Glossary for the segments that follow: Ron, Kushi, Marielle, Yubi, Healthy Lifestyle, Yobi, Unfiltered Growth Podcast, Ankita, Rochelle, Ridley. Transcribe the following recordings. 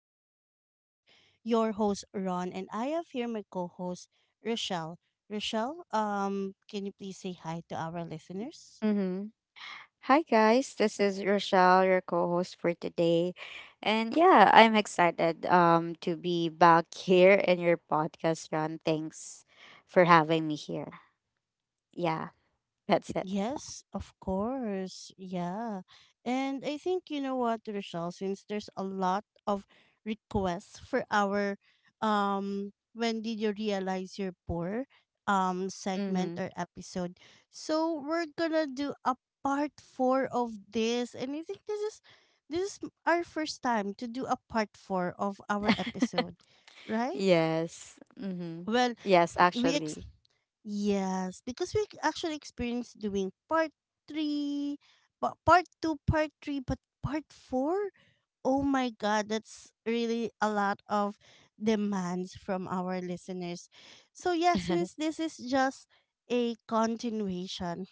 Podcast. This is your host, Ron, and I have here my co host, Rochelle. Rochelle, can you please say hi to our listeners? Mm-hmm. Hi, guys. This is Rochelle, your co host for today. And yeah, I'm excited to be back here in your podcast, Ron. Thanks for having me here. Yeah, that's it. Yes, of course. Yeah. And I think, you know what, Rochelle, since there's a lot of requests for our when did you realize you're poor segment Mm-hmm. or episode. So we're gonna do a part four of this, and I think this is our first time to do a part four of our episode, right? Yes. Mm-hmm. Well, Yes, we actually. Yes, because we actually experienced doing part three, but part two, part three, but part four. Oh my God, that's really a lot of demands from our listeners. So, yeah, since this is just a continuation,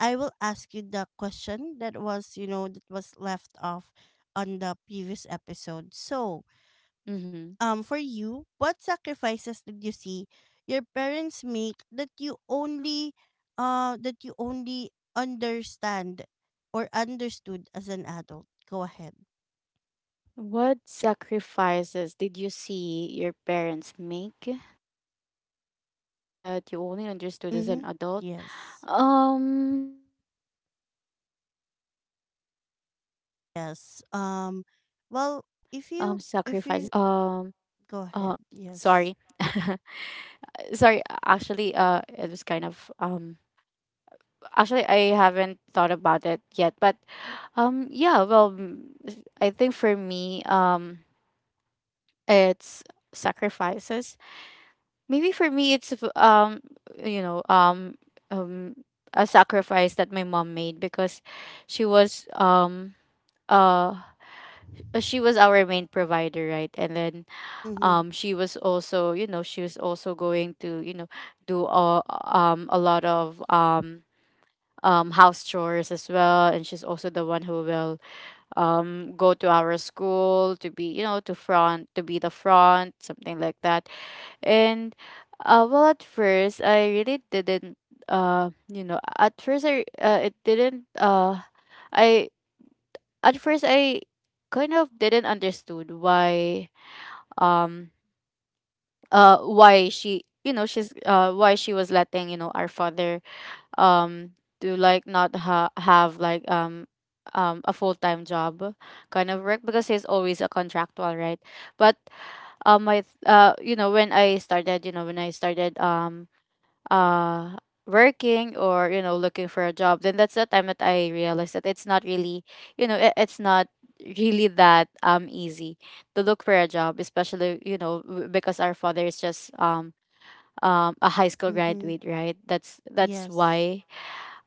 I will ask you the question that was, you know, that was left off on the previous episode. So, Mm-hmm. For you, what sacrifices did you see your parents make that you only understand or understood as an adult? Go ahead. What sacrifices did you see your parents make that you only understood as an adult? Mm-hmm. Um Yes. Sacrifices. I think Yes. um Well, uh if you maybe if uh, you go sorry. ahead. Yes. Sorry, actually it was kind of actually, I haven't thought about it yet, but yeah, well, I think for me it's sacrifices. Maybe for me it's you know um um a sacrifice that my mom made because she was um uh she was our main provider, right? And then Mm-hmm. She was also going to do all, a lot of house chores as well. And she's also the one who will go to our school to be, to be the front, something like that. And well, at first I really didn't, you know at first I it didn't I at first I kind of didn't understood why, um why she was letting, our father um to, like, not have, like, a full-time job kind of work, because he's always a contractual, right? But my th- you know when I started, uh working, or, looking for a job, then that's the time that I realized that it's not really, it's not really that easy to look for a job, especially, because our father is just a high school Mm-hmm. graduate, right? That's Yes. why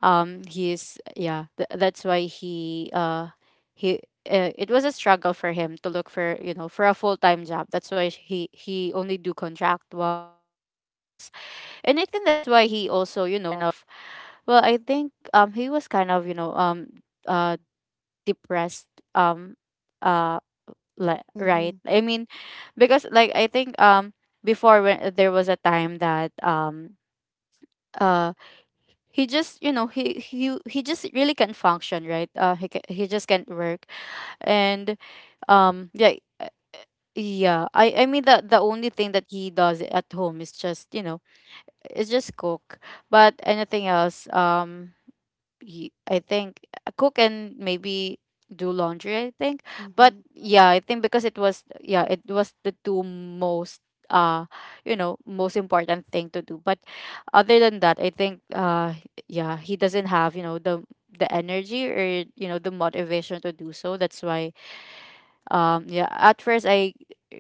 he is, yeah th- that's why he it was a struggle for him to look for, for a full-time job. That's why he only do contractuals. And I think that's why he also, kind of, well, I think he was kind of, uh depressed, um uh like, Mm-hmm. right. I mean, because like I think before when, there was a time that uh he just, he just really can't function, right. He just can't work. And um yeah uh, yeah I mean the only thing that he does at home is just, it's just cook. But anything else, I think, cook and maybe do laundry, I think. But Mm-hmm. yeah, I think because it was the two most uh most important thing to do. But other than that, I think, yeah he doesn't have, the energy, or, the motivation to do so. That's why, yeah, at first I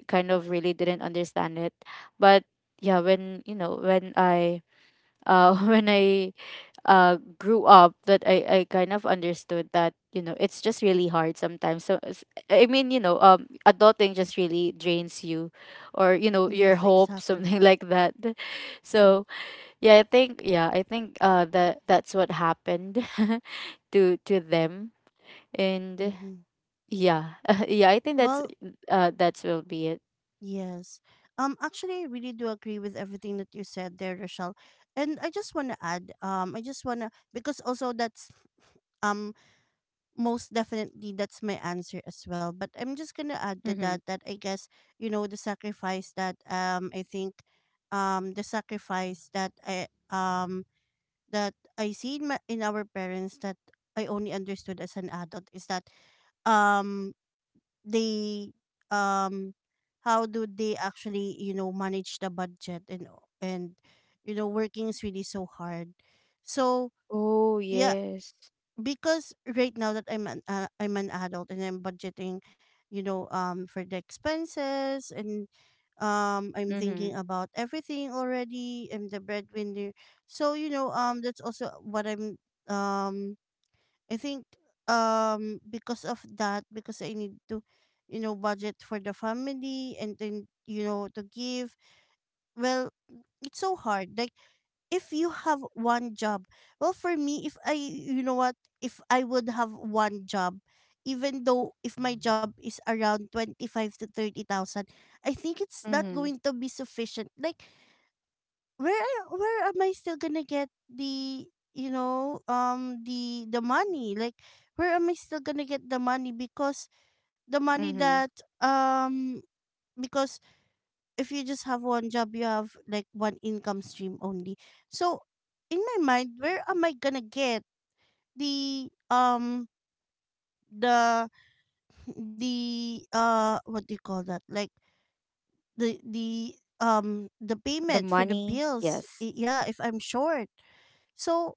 kind of really didn't understand it. But yeah, when, you know when I when I, grew up, that I kind of understood that, it's just really hard sometimes. So, I mean, adulting just really drains you, or, your Yes. hope, Exactly. something like that. So yeah, I think, that that's what happened. To them. And Mm-hmm. yeah, yeah, I think that's Well, will be it. Yes. Actually I really do agree with everything that you said there, Rochelle. And I just wanna add, I just wanna, because also that's um most definitely that's my answer as well. But I'm just gonna add to Mm-hmm. that, that I guess, you know, the sacrifice that I think the sacrifice that I see in, my, in our parents that I only understood as an adult is that um they um how do they actually, you know, manage the budget, and and you know, working is really so hard. So, Oh, yeah, yes. because right now that I'm an I'm an adult and I'm budgeting, you know, for the expenses, and I'm Mm-hmm. thinking about everything already. I'm the breadwinner, so you know, that's also what I'm um I think because of that, because I need to, you know, budget for the family and then, you know, to give. Well, it's so hard. Like, if you have one job, well for me, if I, you know what, if I would have one job, even though if my job is around 25 to 30,000, I think it's not Mm-hmm. going to be sufficient. Like, where am I still gonna get the, you know, the money? Like, where am I still gonna get the money? Because the money Mm-hmm. that um because if you just have one job, you have like one income stream only. So in my mind, where am I gonna get the the the what do you call that, like, the the The payment for the money, bills? yes. Yeah, if I'm short. So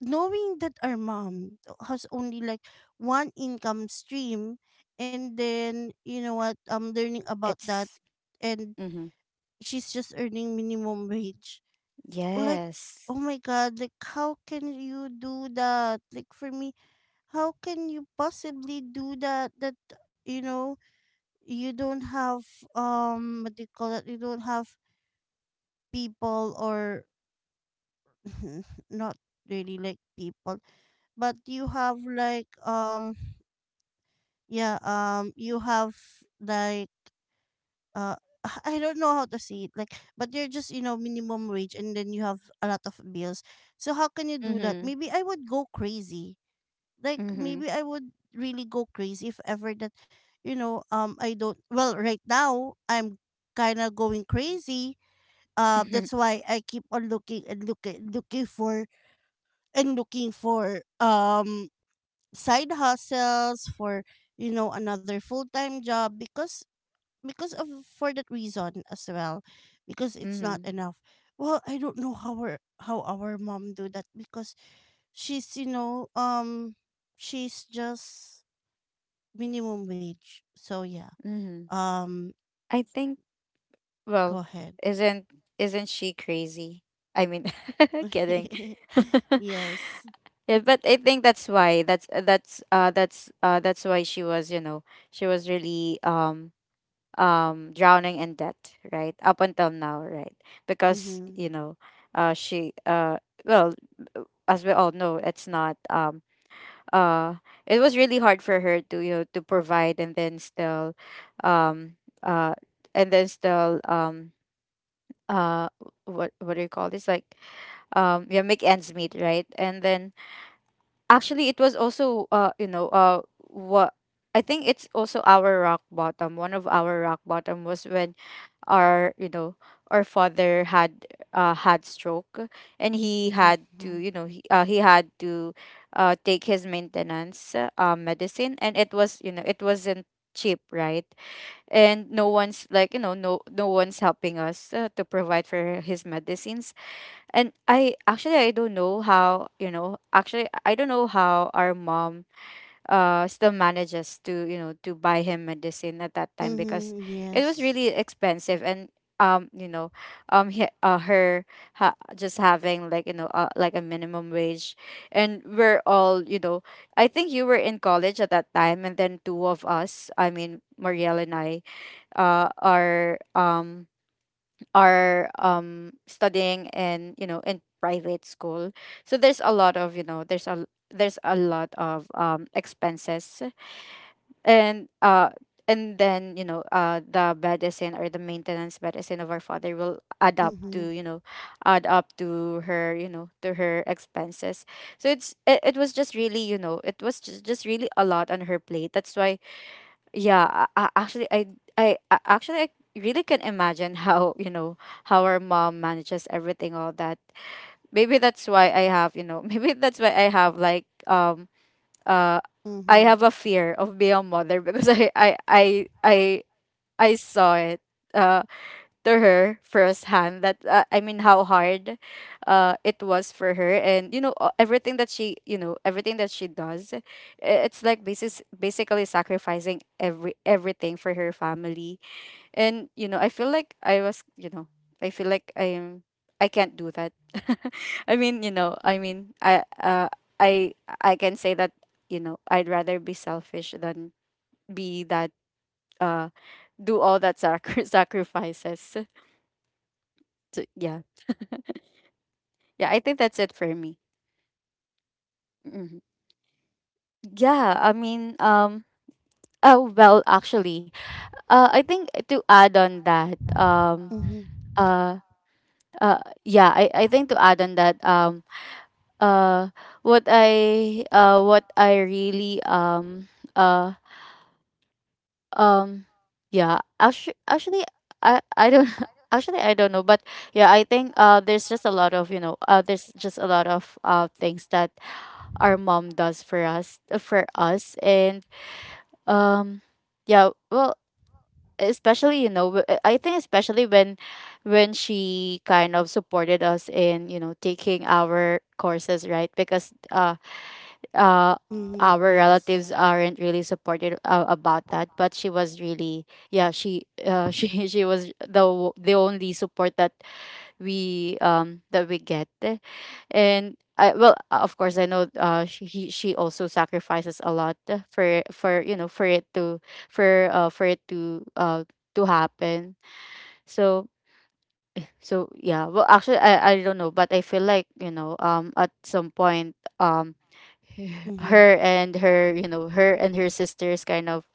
knowing that our mom has only like one income stream, and then, you know what, I'm learning about that, It's. and Mm-hmm. she's just earning minimum wage, like, Yes. oh my God, like, how can you do that? Like, for me, how can you possibly do that, that, you know, you don't have what do you call that, you don't have people, or not really like people, but you have like yeah, you have like uh, I don't know how to say it, like, but you're just, you know, minimum wage, and then you have a lot of bills. So how can you do that? Mm-hmm. Maybe I would go crazy. Like, Mm-hmm. maybe I would really go crazy if ever that, you know, I don't. Well, right now I'm kind of going crazy. Mm-hmm. That's why I keep on looking looking for and looking for side hustles, for, you know, another full-time job, because of, for that reason as well, because it's not Mm-hmm. enough. Well, I don't know how our mom do that, because she's, you know, she's just minimum wage. So yeah, Mm-hmm. um I think, go well, ahead. isn't isn't she crazy? I mean, kidding. Yes. Yeah, but I think that's why. That's why she was, she was really drowning in debt, right? Up until now, right? Because, Mm-hmm. you know, she well, as we all know, it's not uh it was really hard for her to, to provide, and then still, um uh and then still um uh what do you call this, like, yeah make ends meet, right? And then actually it was also you know what I think it's also our rock bottom. One of our rock bottom was when our, our father had, stroke. And he had to, take his maintenance medicine, and it was, it wasn't cheap, right? And no one's, like, no one's helping us, to provide for his medicines. And I, actually, I don't know how, actually I don't know how our mom still manages to, to buy him medicine at that time because Mm-hmm. it was Yes. really expensive. And um you know um he, uh, her just having, like, like, a minimum wage. And we're all, I think you were in college at that time. And then two of us, I mean Marielle and I, are studying in, in private school. So there's a lot of, expenses. And, then the medicine, or the maintenance medicine of our father will add up Mm-hmm. to, her, expenses. So it's it, it was just really it was just really a lot on her plate. That's why, yeah, I, actually, I really can imagine how, our mom manages everything, all that. Maybe that's why I have, maybe that's why I have, like, um uh I Mm-hmm. have a fear of being a mother, because I, I saw it, uh to her firsthand, that, I mean how hard it was for her. And, everything that she does, it's like, basis basically sacrificing everything for her family. And, I feel like I am. I can't do that. I mean, I I can say that, I'd rather be selfish than be that uh do all that sac sacrifices. So, yeah. Yeah, I think that's it for me. Hmm. Yeah, I mean, oh, well, actually, I think to add on that, Mm-hmm. uh uh yeah, I think to add on that, uh what I really, uh um yeah actually, I don't actually I don't know, but yeah, I think there's just a lot of, things that our mom does for us and, um yeah, well, especially you know w- I think, especially when she kind of supported us in, taking our courses, right? Because uh Mm-hmm. our Yes. relatives aren't really supportive, about that. But she was really, she, she was the only support that we, that we get. And I, well, of course I know, she, she also sacrifices a lot, for for it to happen. So, yeah, well, actually, I don't know, but I feel like, at some point um. Mm-hmm. Her and her sisters kind of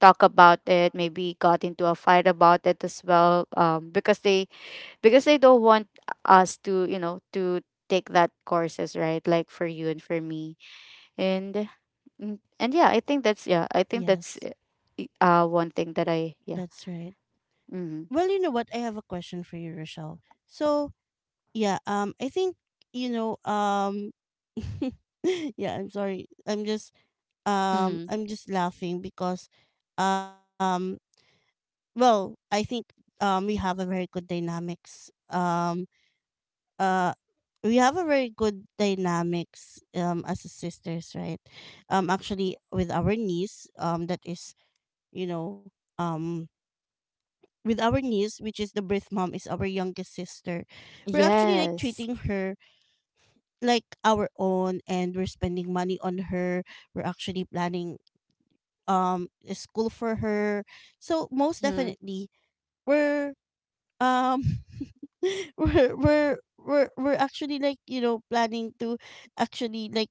talk about it, maybe got into a fight about it as well, because they don't want us to, to take that courses, right, like, for you and for me. And, and yeah, I think that's, Yes. One thing that I, yeah. That's right. Mm-hmm. Well, you know what, I have a question for you, Rochelle. So yeah, I think, you know, yeah, I'm sorry, I'm just Mm-hmm. I'm just laughing because um well, I think we have a very good dynamics, uh we have a very good dynamics as a sisters, right? Actually with our niece, that is, you know, um with our niece, which is the birth mom is our youngest sister. We're actually like Yes. treating her like our own, and we're spending money on her. We're actually planning a school for her, so most Mm-hmm. definitely we're um we're actually like, you know, planning to actually like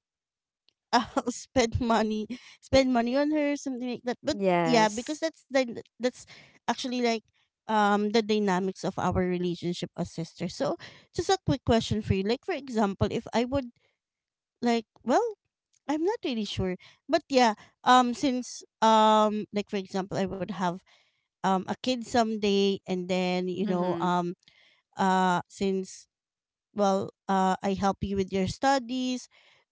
uh, spend money on her, something like that. But yeah, because Yes. that's the that's actually like the dynamics of our relationship as sisters. So just a quick question for you. Like, for example, if I would, like, well, I'm not really sure. But yeah, since like for example, I would have a kid someday, and then, you know, Mm-hmm. Since, well, I help you with your studies,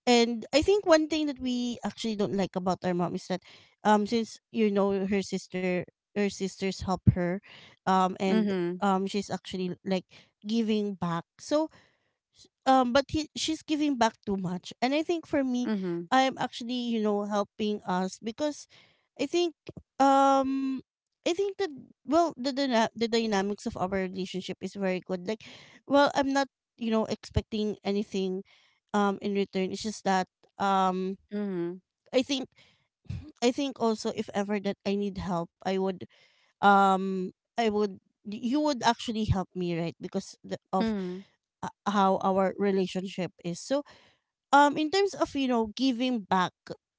and I think one thing that we actually don't like about our mom is that since, you know, her sisters help her, and Mm-hmm. She's actually like giving back. So, but she's giving back too much, and I think, for me, Mm-hmm. I'm actually, you know, helping us because I think um I think that, well, the dynamics of our relationship is very good. Like, well, I'm not, you know, expecting anything in return. It's just that um Mm-hmm. I think I think also if ever that I need help, I would um I would, you would actually help me, right? Because of Mm-hmm. How our relationship is. So in terms of, you know, giving back,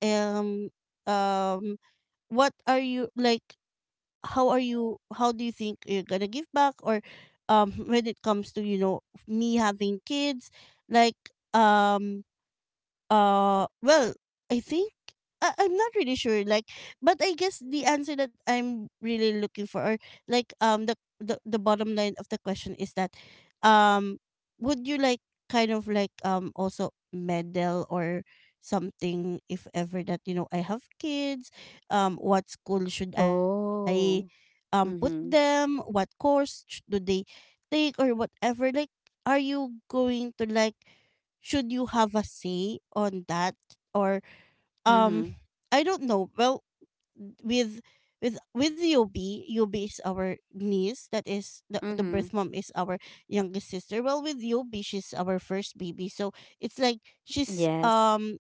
um um what are you like, how do you think you're gonna give back? Or when it comes to, you know, me having kids, like, um well, I think, I'm not really sure. Like, but I guess the answer that I'm really looking for, or like, the the bottom line of the question is that, um, would you like kind of like also medal, or something, if ever that, you know, I have kids, what school should I, Oh. Put them? Mm-hmm. What course do they take, or whatever? Like, are you going to like, should you have a say on that, or um Mm-hmm. I don't know. Well, with with Yobi, Yobi is our niece. That is the birth Mhm. mom is our youngest sister. Well, with Yobi, she's our first baby. So it's like, she's Yes.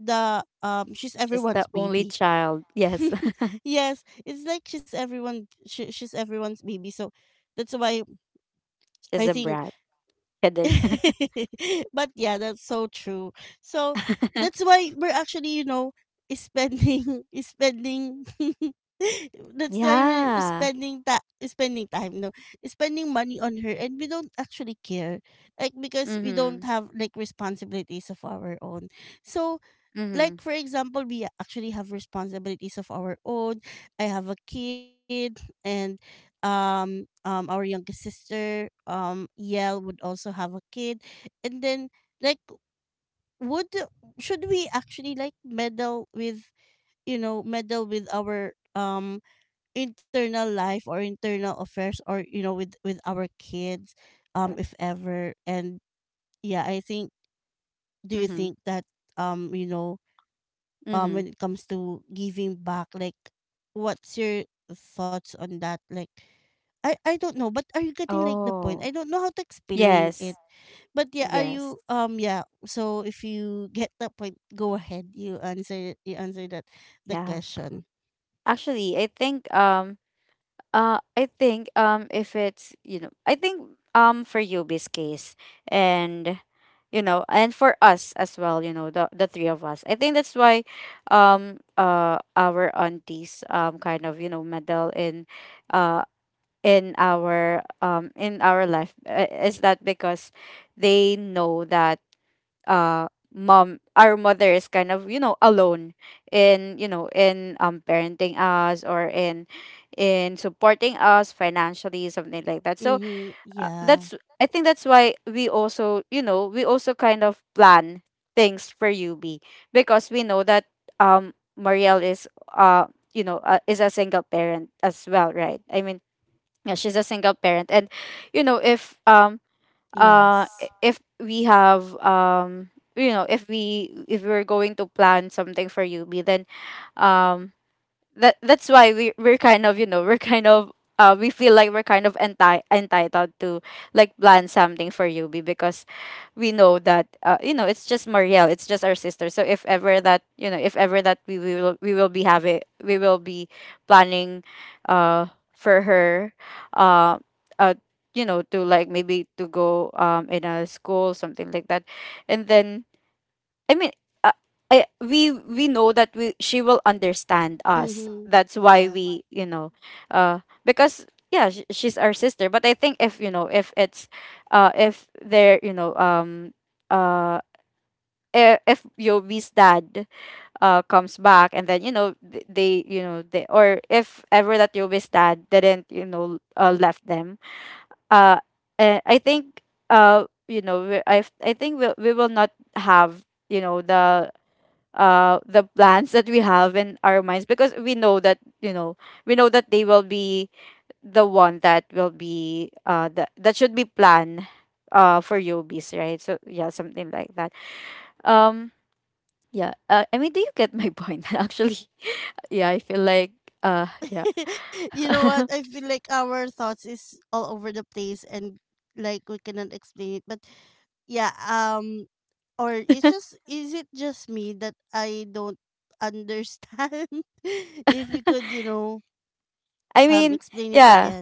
the she's She's the everyone's only baby. child. Yes. Yes, it's like she's everyone's baby. So that's why She's I a think brat. Kidding. but yeah, that's so true. So that's why we're actually, you know, is spending is spending that's why we're Yeah. spending that spending time, no, is spending money on her, and we don't actually care, like, because we don't Mhm. have like responsibilities of our own. So like Mhm. for example, we actually have responsibilities of our own. I have a kid, and um our youngest sister, yell, would also have a kid, and then, like, would, should we actually like meddle with, you know, meddle with our internal life or internal affairs, or, you know, with our kids, if ever. And yeah, I think, do you Mhm. think that you know, Mhm. when it comes to giving back, like, what's your thoughts on that? Like, I don't know, but are you getting like the point? Oh. I don't know how to explain it, Yes. but yeah, are Yes. you yeah, so if you get the point, go ahead, you answer, you answer that the Yeah. question. Actually, I think, I think, if it's, I think, for Yubi's case, and, and for us as well, the three of us, I think that's why, our aunties, kind of, meddle in, uh in our, in our life, is that because they know that, uh mom our mother is kind of, alone in, in, parenting us, or in, supporting us financially, something like that. So, Mm-hmm. Yeah. that's, I think that's why we also, we also kind of plan things for UB, because we know that, um Marielle is, uh is a single parent as well, right? I mean, yeah, she's a single parent, and, if, Yes. If we have, if we, if we're going to plan something for Yubi, then, um that's why we're kind of, we're kind of, we feel like we're kind of entitled to, like, plan something for Yubi, because we know that, it's just Marielle, it's just our sister. So if ever that, if ever that we will be planning, uh for her, uh uh to, like, maybe to go, in a school, something like that. And then, I mean, uh, I, we know that we she will understand us. Mm-hmm. That's why Yeah. we, because, yeah, she's our sister. But I think, if, if it's, if there, uh, if Yobi's dad, comes back, and then, they, they, or if ever that Yobi's dad didn't, left them, uh I think, we, I think we will not have, the, the plans that we have in our minds, because we know that, we know that they will be the one that will be, that, should be planned, for Yobi's, right? So, yeah, something like that. um yeah, I mean, do you get my point? Actually, yeah, I feel like, yeah. You know what, I feel like our thoughts is all over the place and like we cannot explain it, but yeah. Or it's just, is it just me that I don't understand? If you could I mean, explain it yeah, again.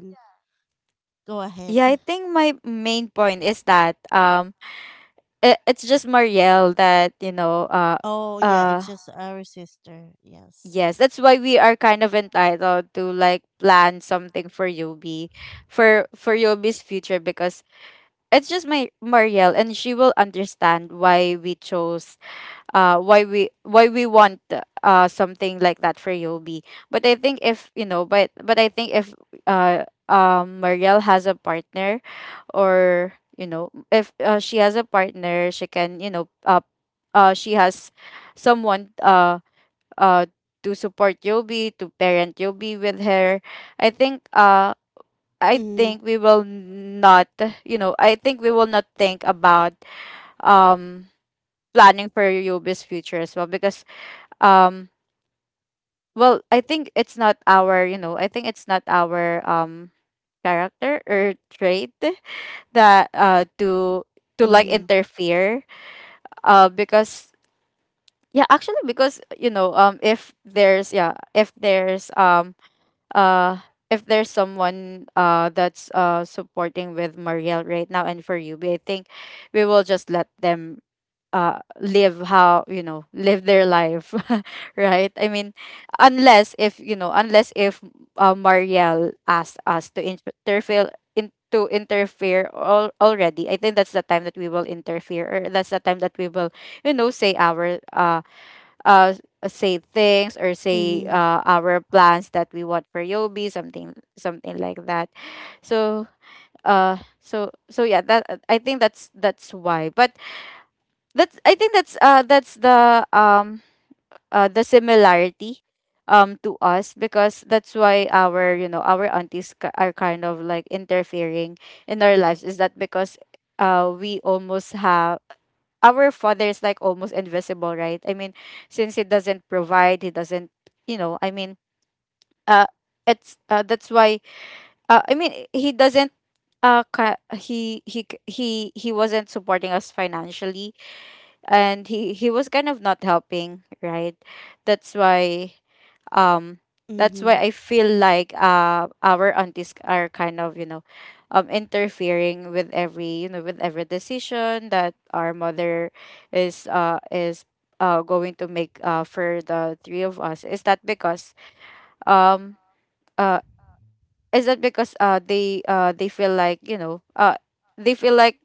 Go ahead. yeah, I think my main point is that, it's just Marielle that, Oh yeah, uh it's just our sister. Yes. yes, that's why we are kind of entitled to, like, plan something for Yobi, for Yobi's future, because it's just my Marielle, and she will understand why we chose, why we want, something like that for Yobi. But I think if, but I think if, Marielle has a partner, or, if, she has a partner, she can, she has someone, uh to support Yobi, to parent Yobi with her. I think, I Mm-hmm. think we will not, I think we will not think about, um planning for Yobi's future as well, because, um well, I think it's not our, I think it's not our, character or trait, that, to, like, Mm-hmm. interfere, because, yeah, actually, because, if there's, yeah, if there's, uh if there's someone, that's, supporting with Marielle right now, and for you, I think we will just let them, live how, live their life. Right? I mean, unless if, unless if, Marielle asked us to interfere in, to interfere, already. I think that's the time that we will interfere, or that's the time that we will, say our, uh say things, or say, Mm-hmm. Our plans that we want for Yobi, something like that. So, so, yeah, that, I think that's why. But that's, I think that's, that's the, the similarity, to us, because that's why our, our aunties, are kind of like interfering in our lives, is that because, we almost have, our father is like almost invisible, right? I mean, since he doesn't provide, he doesn't, I mean, uh it's, that's why, I mean, he doesn't, he c- he wasn't supporting us financially, and he was kind of not helping, right? That's why, um that's why Mm-hmm. I feel like, our aunties are kind of, interfering with every, with every decision that our mother is, is, going to make, for the three of us, is that because, um uh is that because, they feel like, they feel like,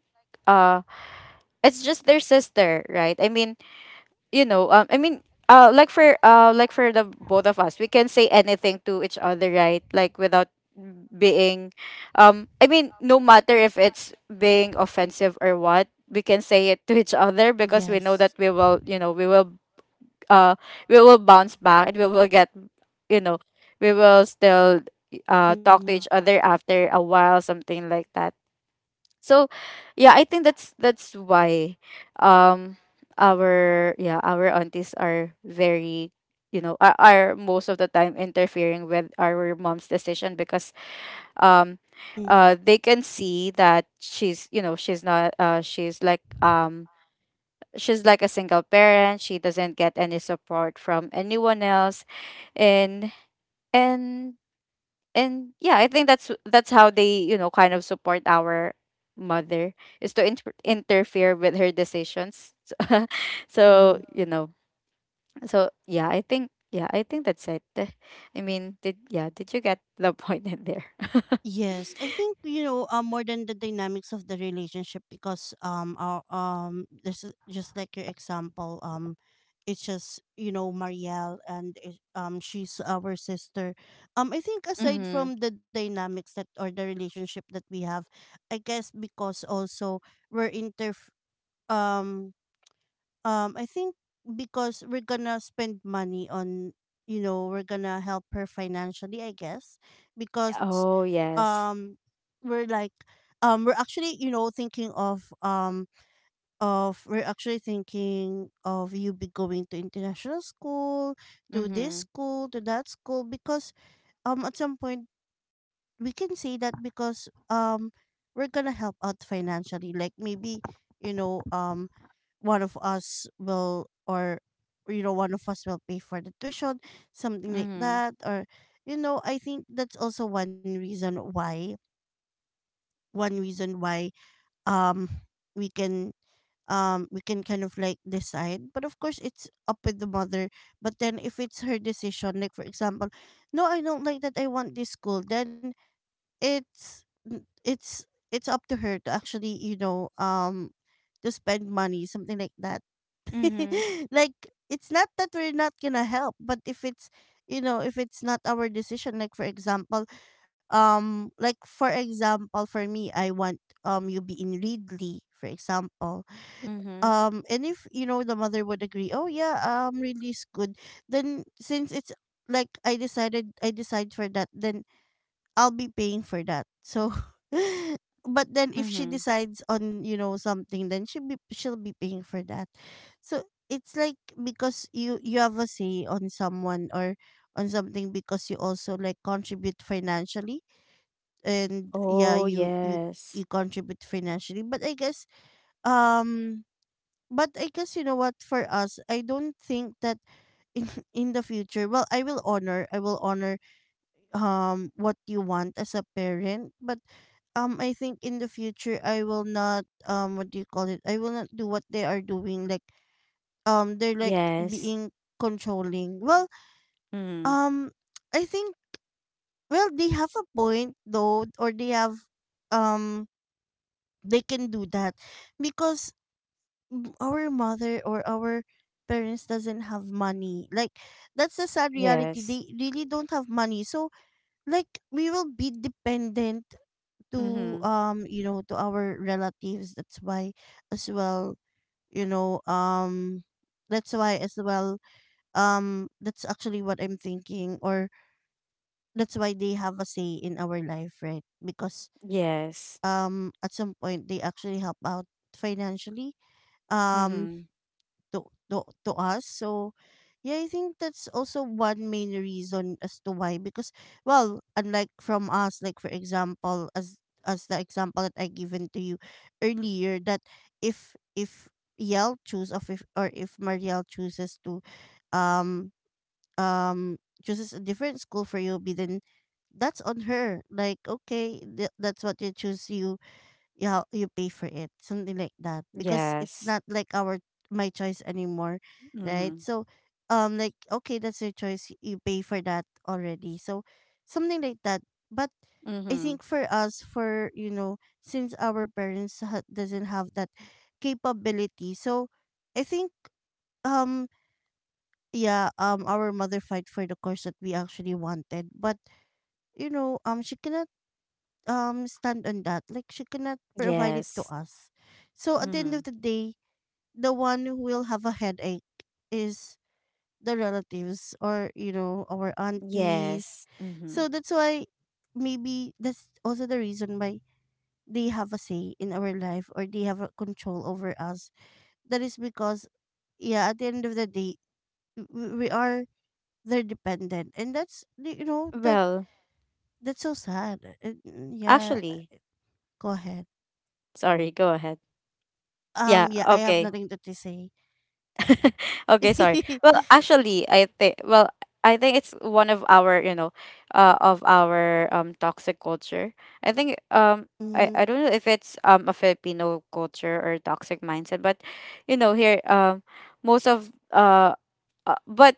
uh it's just their sister, right? I mean, I mean, like for, like for the both of us, we can say anything to each other, right? Like without being, I mean, no matter if it's being offensive or what, we can say it to each other, because we know that we will, we will, uh, we will bounce back, and we will get, you know, we will still, talk to each other after a while, something like that. So, yeah, I think that's why, um our, yeah, our aunties are very, are, most of the time interfering with our mom's decision, because, um Mm-hmm. They can see that she's, she's not, she's like, she's like a single parent, she doesn't get any support from anyone else, and and and yeah, I think that's how they, kind of support our mother, is to interfere with her decisions. So, so, Mm-hmm. So, yeah, I think, yeah, I think that's it. I mean, did, yeah, did you get the point in there? Yes, I think more than the dynamics of the relationship, because this is just like your example. It's just, you know, Marielle, and she's our sister. I think aside Mm-hmm. from the dynamics that, or the relationship that we have, I guess because also we're inter um I think because we're gonna spend money on, you know, we're gonna help her financially, I guess, because Oh, yes. um, we're like, we're actually, you know, thinking of we're actually thinking of you be going to international school, to this Mm-hmm. school, to that school. Because at some point we can say that because we're gonna help out financially, like maybe, you know, one of us will or you know, one of us will pay for the tuition, something like Mm-hmm. that. Or you know, I think that's also one reason why, one reason why um we can, we can kind of like decide. But of course it's up with the mother. But then if it's her decision, like for example, no, I don't like that, I want this school, then it's n- it's up to her to actually, you know, to spend money, something like that. Mm-hmm. Like it's not that we're not gonna help, but if it's, you know, if it's not our decision, like for example, like for example for me, I want, you be in Ridley for example. Mm-hmm. And if you know the mother would agree, oh yeah, Ridley's good, then since it's like I decide for that, then I'll be paying for that. So but then if she Mm-hmm. decides on, you know, something, then she'll be paying for that. So it's like because you have a say on someone or on something because you also like contribute financially. And yeah, Oh, you you yes. you contribute financially. But I guess, um but I guess, you know what, for us, I don't think that in in the future, well, I will honor what you want as a parent. But I think in the future I will not, um, what do you call it? I will not do what they are doing. Like they're like Yes. being controlling. Well, Mm-hmm. um I think, well, they have a point though, or they have, um they can do that because our mother or our parents doesn't have money. Like that's the sad reality. Yes. They really don't have money. So like we will be dependent to, Mm-hmm. You know, to our relatives. That's why as well, you know, that's why as well that's actually what I'm thinking, or that's why they have a say in our life, right? Because Yes. At some point they actually help out financially, um Mm-hmm. to us. So yeah, I think that's also one main reason as to why, because well, unlike from us, like for example, as the example that I given to you earlier, that if Yel choose of if or if Marielle chooses to um um chooses a different school for you, then that's on her. Like okay, that's what you choose. You, yeah, you pay for it, something like that, because it's Yes. not like our my choice anymore, right? Mhm. So, like okay, that's your choice. You pay for that already, so something like that. But I Mhm. think for us, for you know, since our parents doesn't have that capability, so I think, um yeah, our mother fight for the course that we actually wanted, but you know, she cannot stand on that. Like she cannot provide it to Yes. us. So at the end Mhm. of the day, the one who will have a headache is the relatives, or you know, our aunties. Yes. Mhm. So that's why maybe that's also the reason why they have a say in our life, or they have a control over us. That is because yeah, at the end of the day, we are their dependent, and that's, you know, that Well, that's so sad. And, yeah, actually, go ahead. sorry, go ahead. Yeah, Yeah, I have okay. nothing good to say. Okay, sorry. Well, actually, I think, I think it's one of our, of our, toxic culture. I think, I, Mm-hmm. I don't know if it's, a Filipino culture or toxic mindset, but, here, most of, but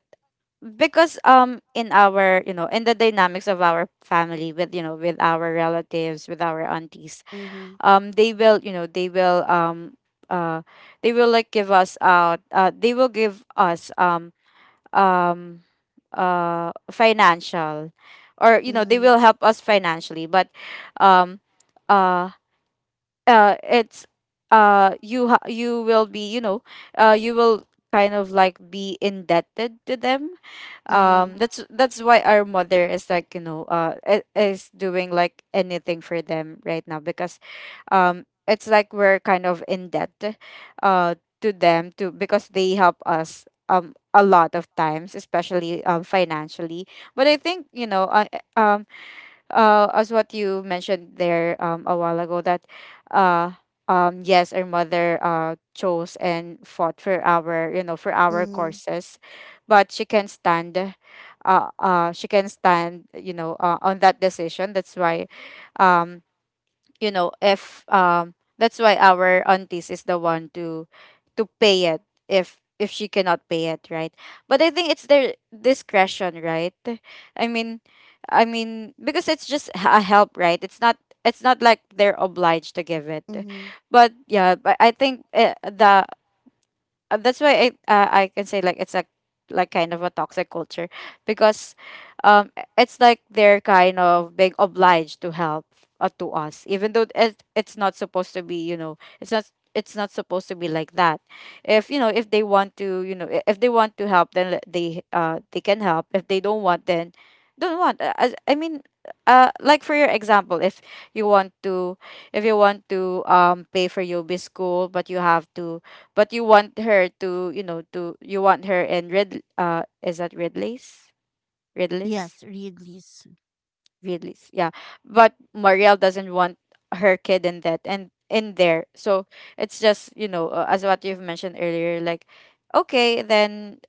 because, in our, in the dynamics of our family, with, with our relatives, with our aunties, Mm-hmm. They will, they will, uh they will like give us out, they will give us, um financial, or, they Mm-hmm. will help us financially, but, um uh, it's, you, you will be, you will kind of like be indebted to them, Mm-hmm. That's why our mother is like, is doing, like, anything for them right now, because, it's like we're kind of in debt, uh to them to, because they help us, a lot of times, especially, financially, but I think, um as what you mentioned there, a while ago, that, uh, yes, our mother, chose and fought for our, for our Mm-hmm. courses, but she can stand, she can stand, on that decision, that's why, um, if, that's why our aunties is the one to, pay it, if, she cannot pay it, right? But I think it's their discretion, right? I mean, I mean, because it's just, a help, right? It's not, it's not like they're obliged to give it, Mm-hmm. but yeah, but I think, the, that's why I, I can say, like, it's a, like, kind of a toxic culture, because, it's like they're kind of being obliged to help, to us, even though it's not supposed to be, it's not, it's not supposed to be like that, if, if they want to, if they want to help, then, they, they can help, if they don't want, then don't want. As I mean, like for your example, if you want to, if you want to, pay for your UB school, but you have to, but you want her to, to, you want her in red, is that red lace, red Yes, lace, read this. red lace? Yeah. But Marielle doesn't want her kid in that, and in there. So it's just, as what you've mentioned earlier, like, okay, then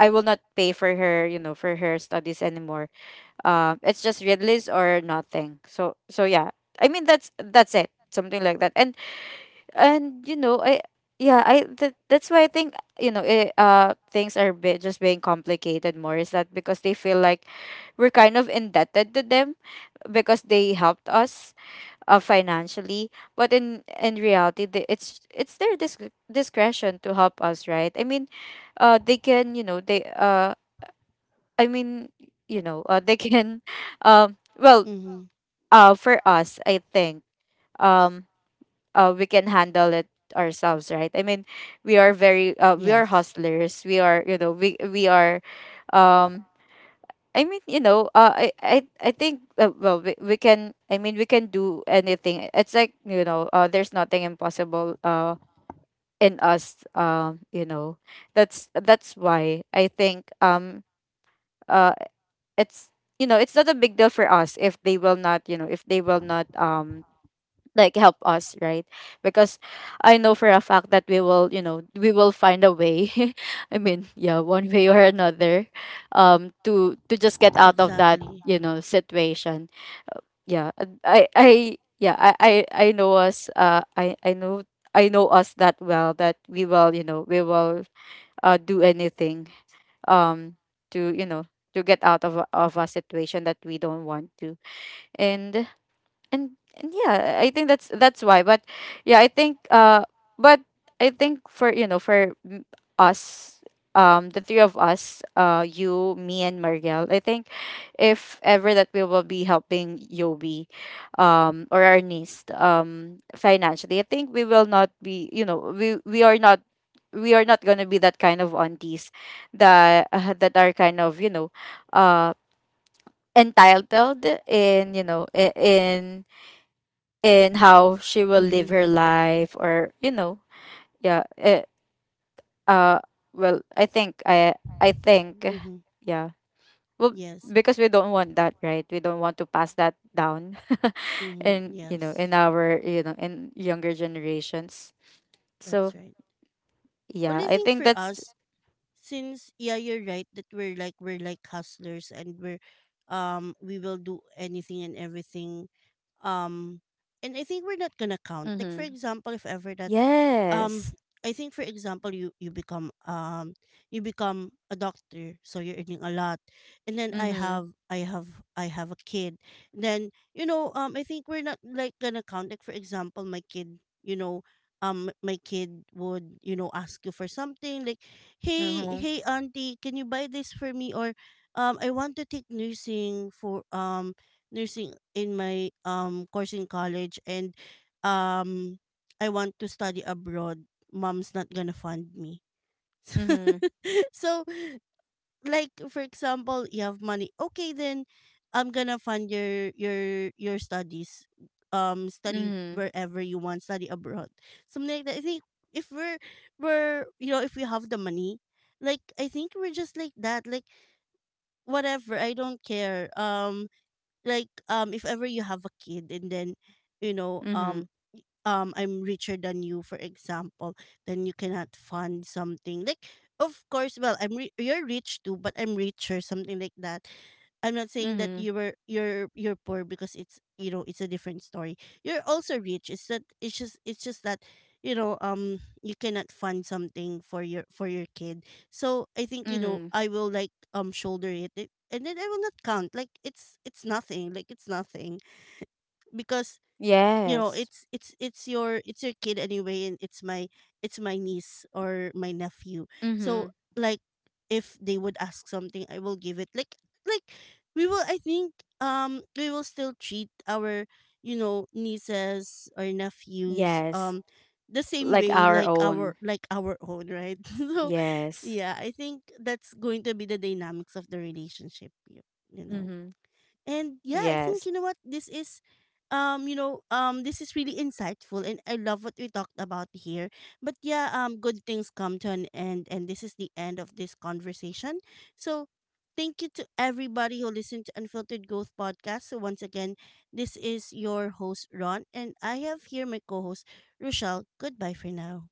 I will not pay for her, for her studies anymore. It's just red lace or nothing. So, so, yeah, I mean, that's it, something like that. And, I, yeah, I, that, that's why I think, things are be just being complicated more, is that because they feel like we're kind of indebted to them, because they helped us, financially, but in reality, it's their, discretion to help us, right? I mean, they can, they, I mean, they can, well, Mm-hmm. For us, I think, um we can handle it ourselves, right? I mean, we are very, we are Yes, hustlers, we are, we are, um I mean, I think, well, we, can, I mean, we can do anything, it's like, there's nothing impossible, in us, that's why I think, uh it's, it's not a big deal for us if they will not, if they will not, like help us, right? Because I know for a fact that we will, we will find a way. I mean, yeah, one way or another, to, just get out of that, exactly. Situation. Yeah, and I yeah, I know us, I know us that well, that we will, we will, do anything, um to, to get out of, of a situation that we don't want to, and and yeah, I think that's why. But yeah, I think, but I think for, for, us, the three of us, you, me, and Mariel, I think if ever that we will be helping Yobi, or our niece, financially, I think we will not be, we are not, we are not going to be that kind of aunties, that, that are kind of, uh entitled in, in how she will Mm-hmm. live her life, or, yeah. Uh well, I think I think, Mm-hmm. yeah, well, Yes. because we don't want that, right? We don't want to pass that down Mm-hmm. in, Yes, in our, in younger generations. that's So, right. Well, yeah, I I think think for that's... us, since yeah, you're right that we're like hustlers, and we're, we will do anything and everything. Um, and I think we're not gonna count. Like for Mm-hmm. example, if ever that, Yes. um I think for example, you become a doctor, so you're earning a lot. And then Mm-hmm. I have a kid. Then you know, I think we're not like gonna count, like for example, my kid, you know, my kid would, you know, ask you for something, like hey Mm-hmm. hey auntie, can you buy this for me, or I want to take nursing in my course in college. And um I want to study abroad, mom's not gonna fund me. Mm-hmm. So, like for example, you have money. Okay, then I'm gonna fund your studies. Study Mm-hmm. wherever you want, study abroad, something like that. I think if we're we're you know, if we have the money, like I think we're just like that. Like whatever, I don't care. Like if ever you have a kid, and then you know, Mm-hmm. I'm richer than you for example, then you cannot fund something, like of course, well, you're rich too, but I'm richer, something like that. I'm not saying that Mm-hmm. You're poor, because it's, you know, it's a different story. You're also rich. It's that, it's just that, you know, you cannot fund something for your kid. So I think, you know, Mm-hmm. I will like, um, shoulder it, and then I will not count, like it's nothing, like it's nothing, because you know, Yes. It's your, it's your kid anyway, and it's my, it's my niece or my nephew. Mm-hmm. So like if they would ask something, I will give it. Like we will, I think, we will still treat our, you know, nieces or nephews Yes. The same Like way our like own. our, like our own, right? So Yes. yeah, I think that's going to be the dynamics of the relationship, you know. Mm-hmm. And yeah, I Yes. think you know what, this is, this is really insightful, and I love what we talked about here. But yeah, um, good things come to an end, and this is the end of this conversation. So thank you to everybody who listened to Unfiltered Growth podcast. So once again, this is your host Ron, and I have here my co-host Rochelle. Goodbye for now.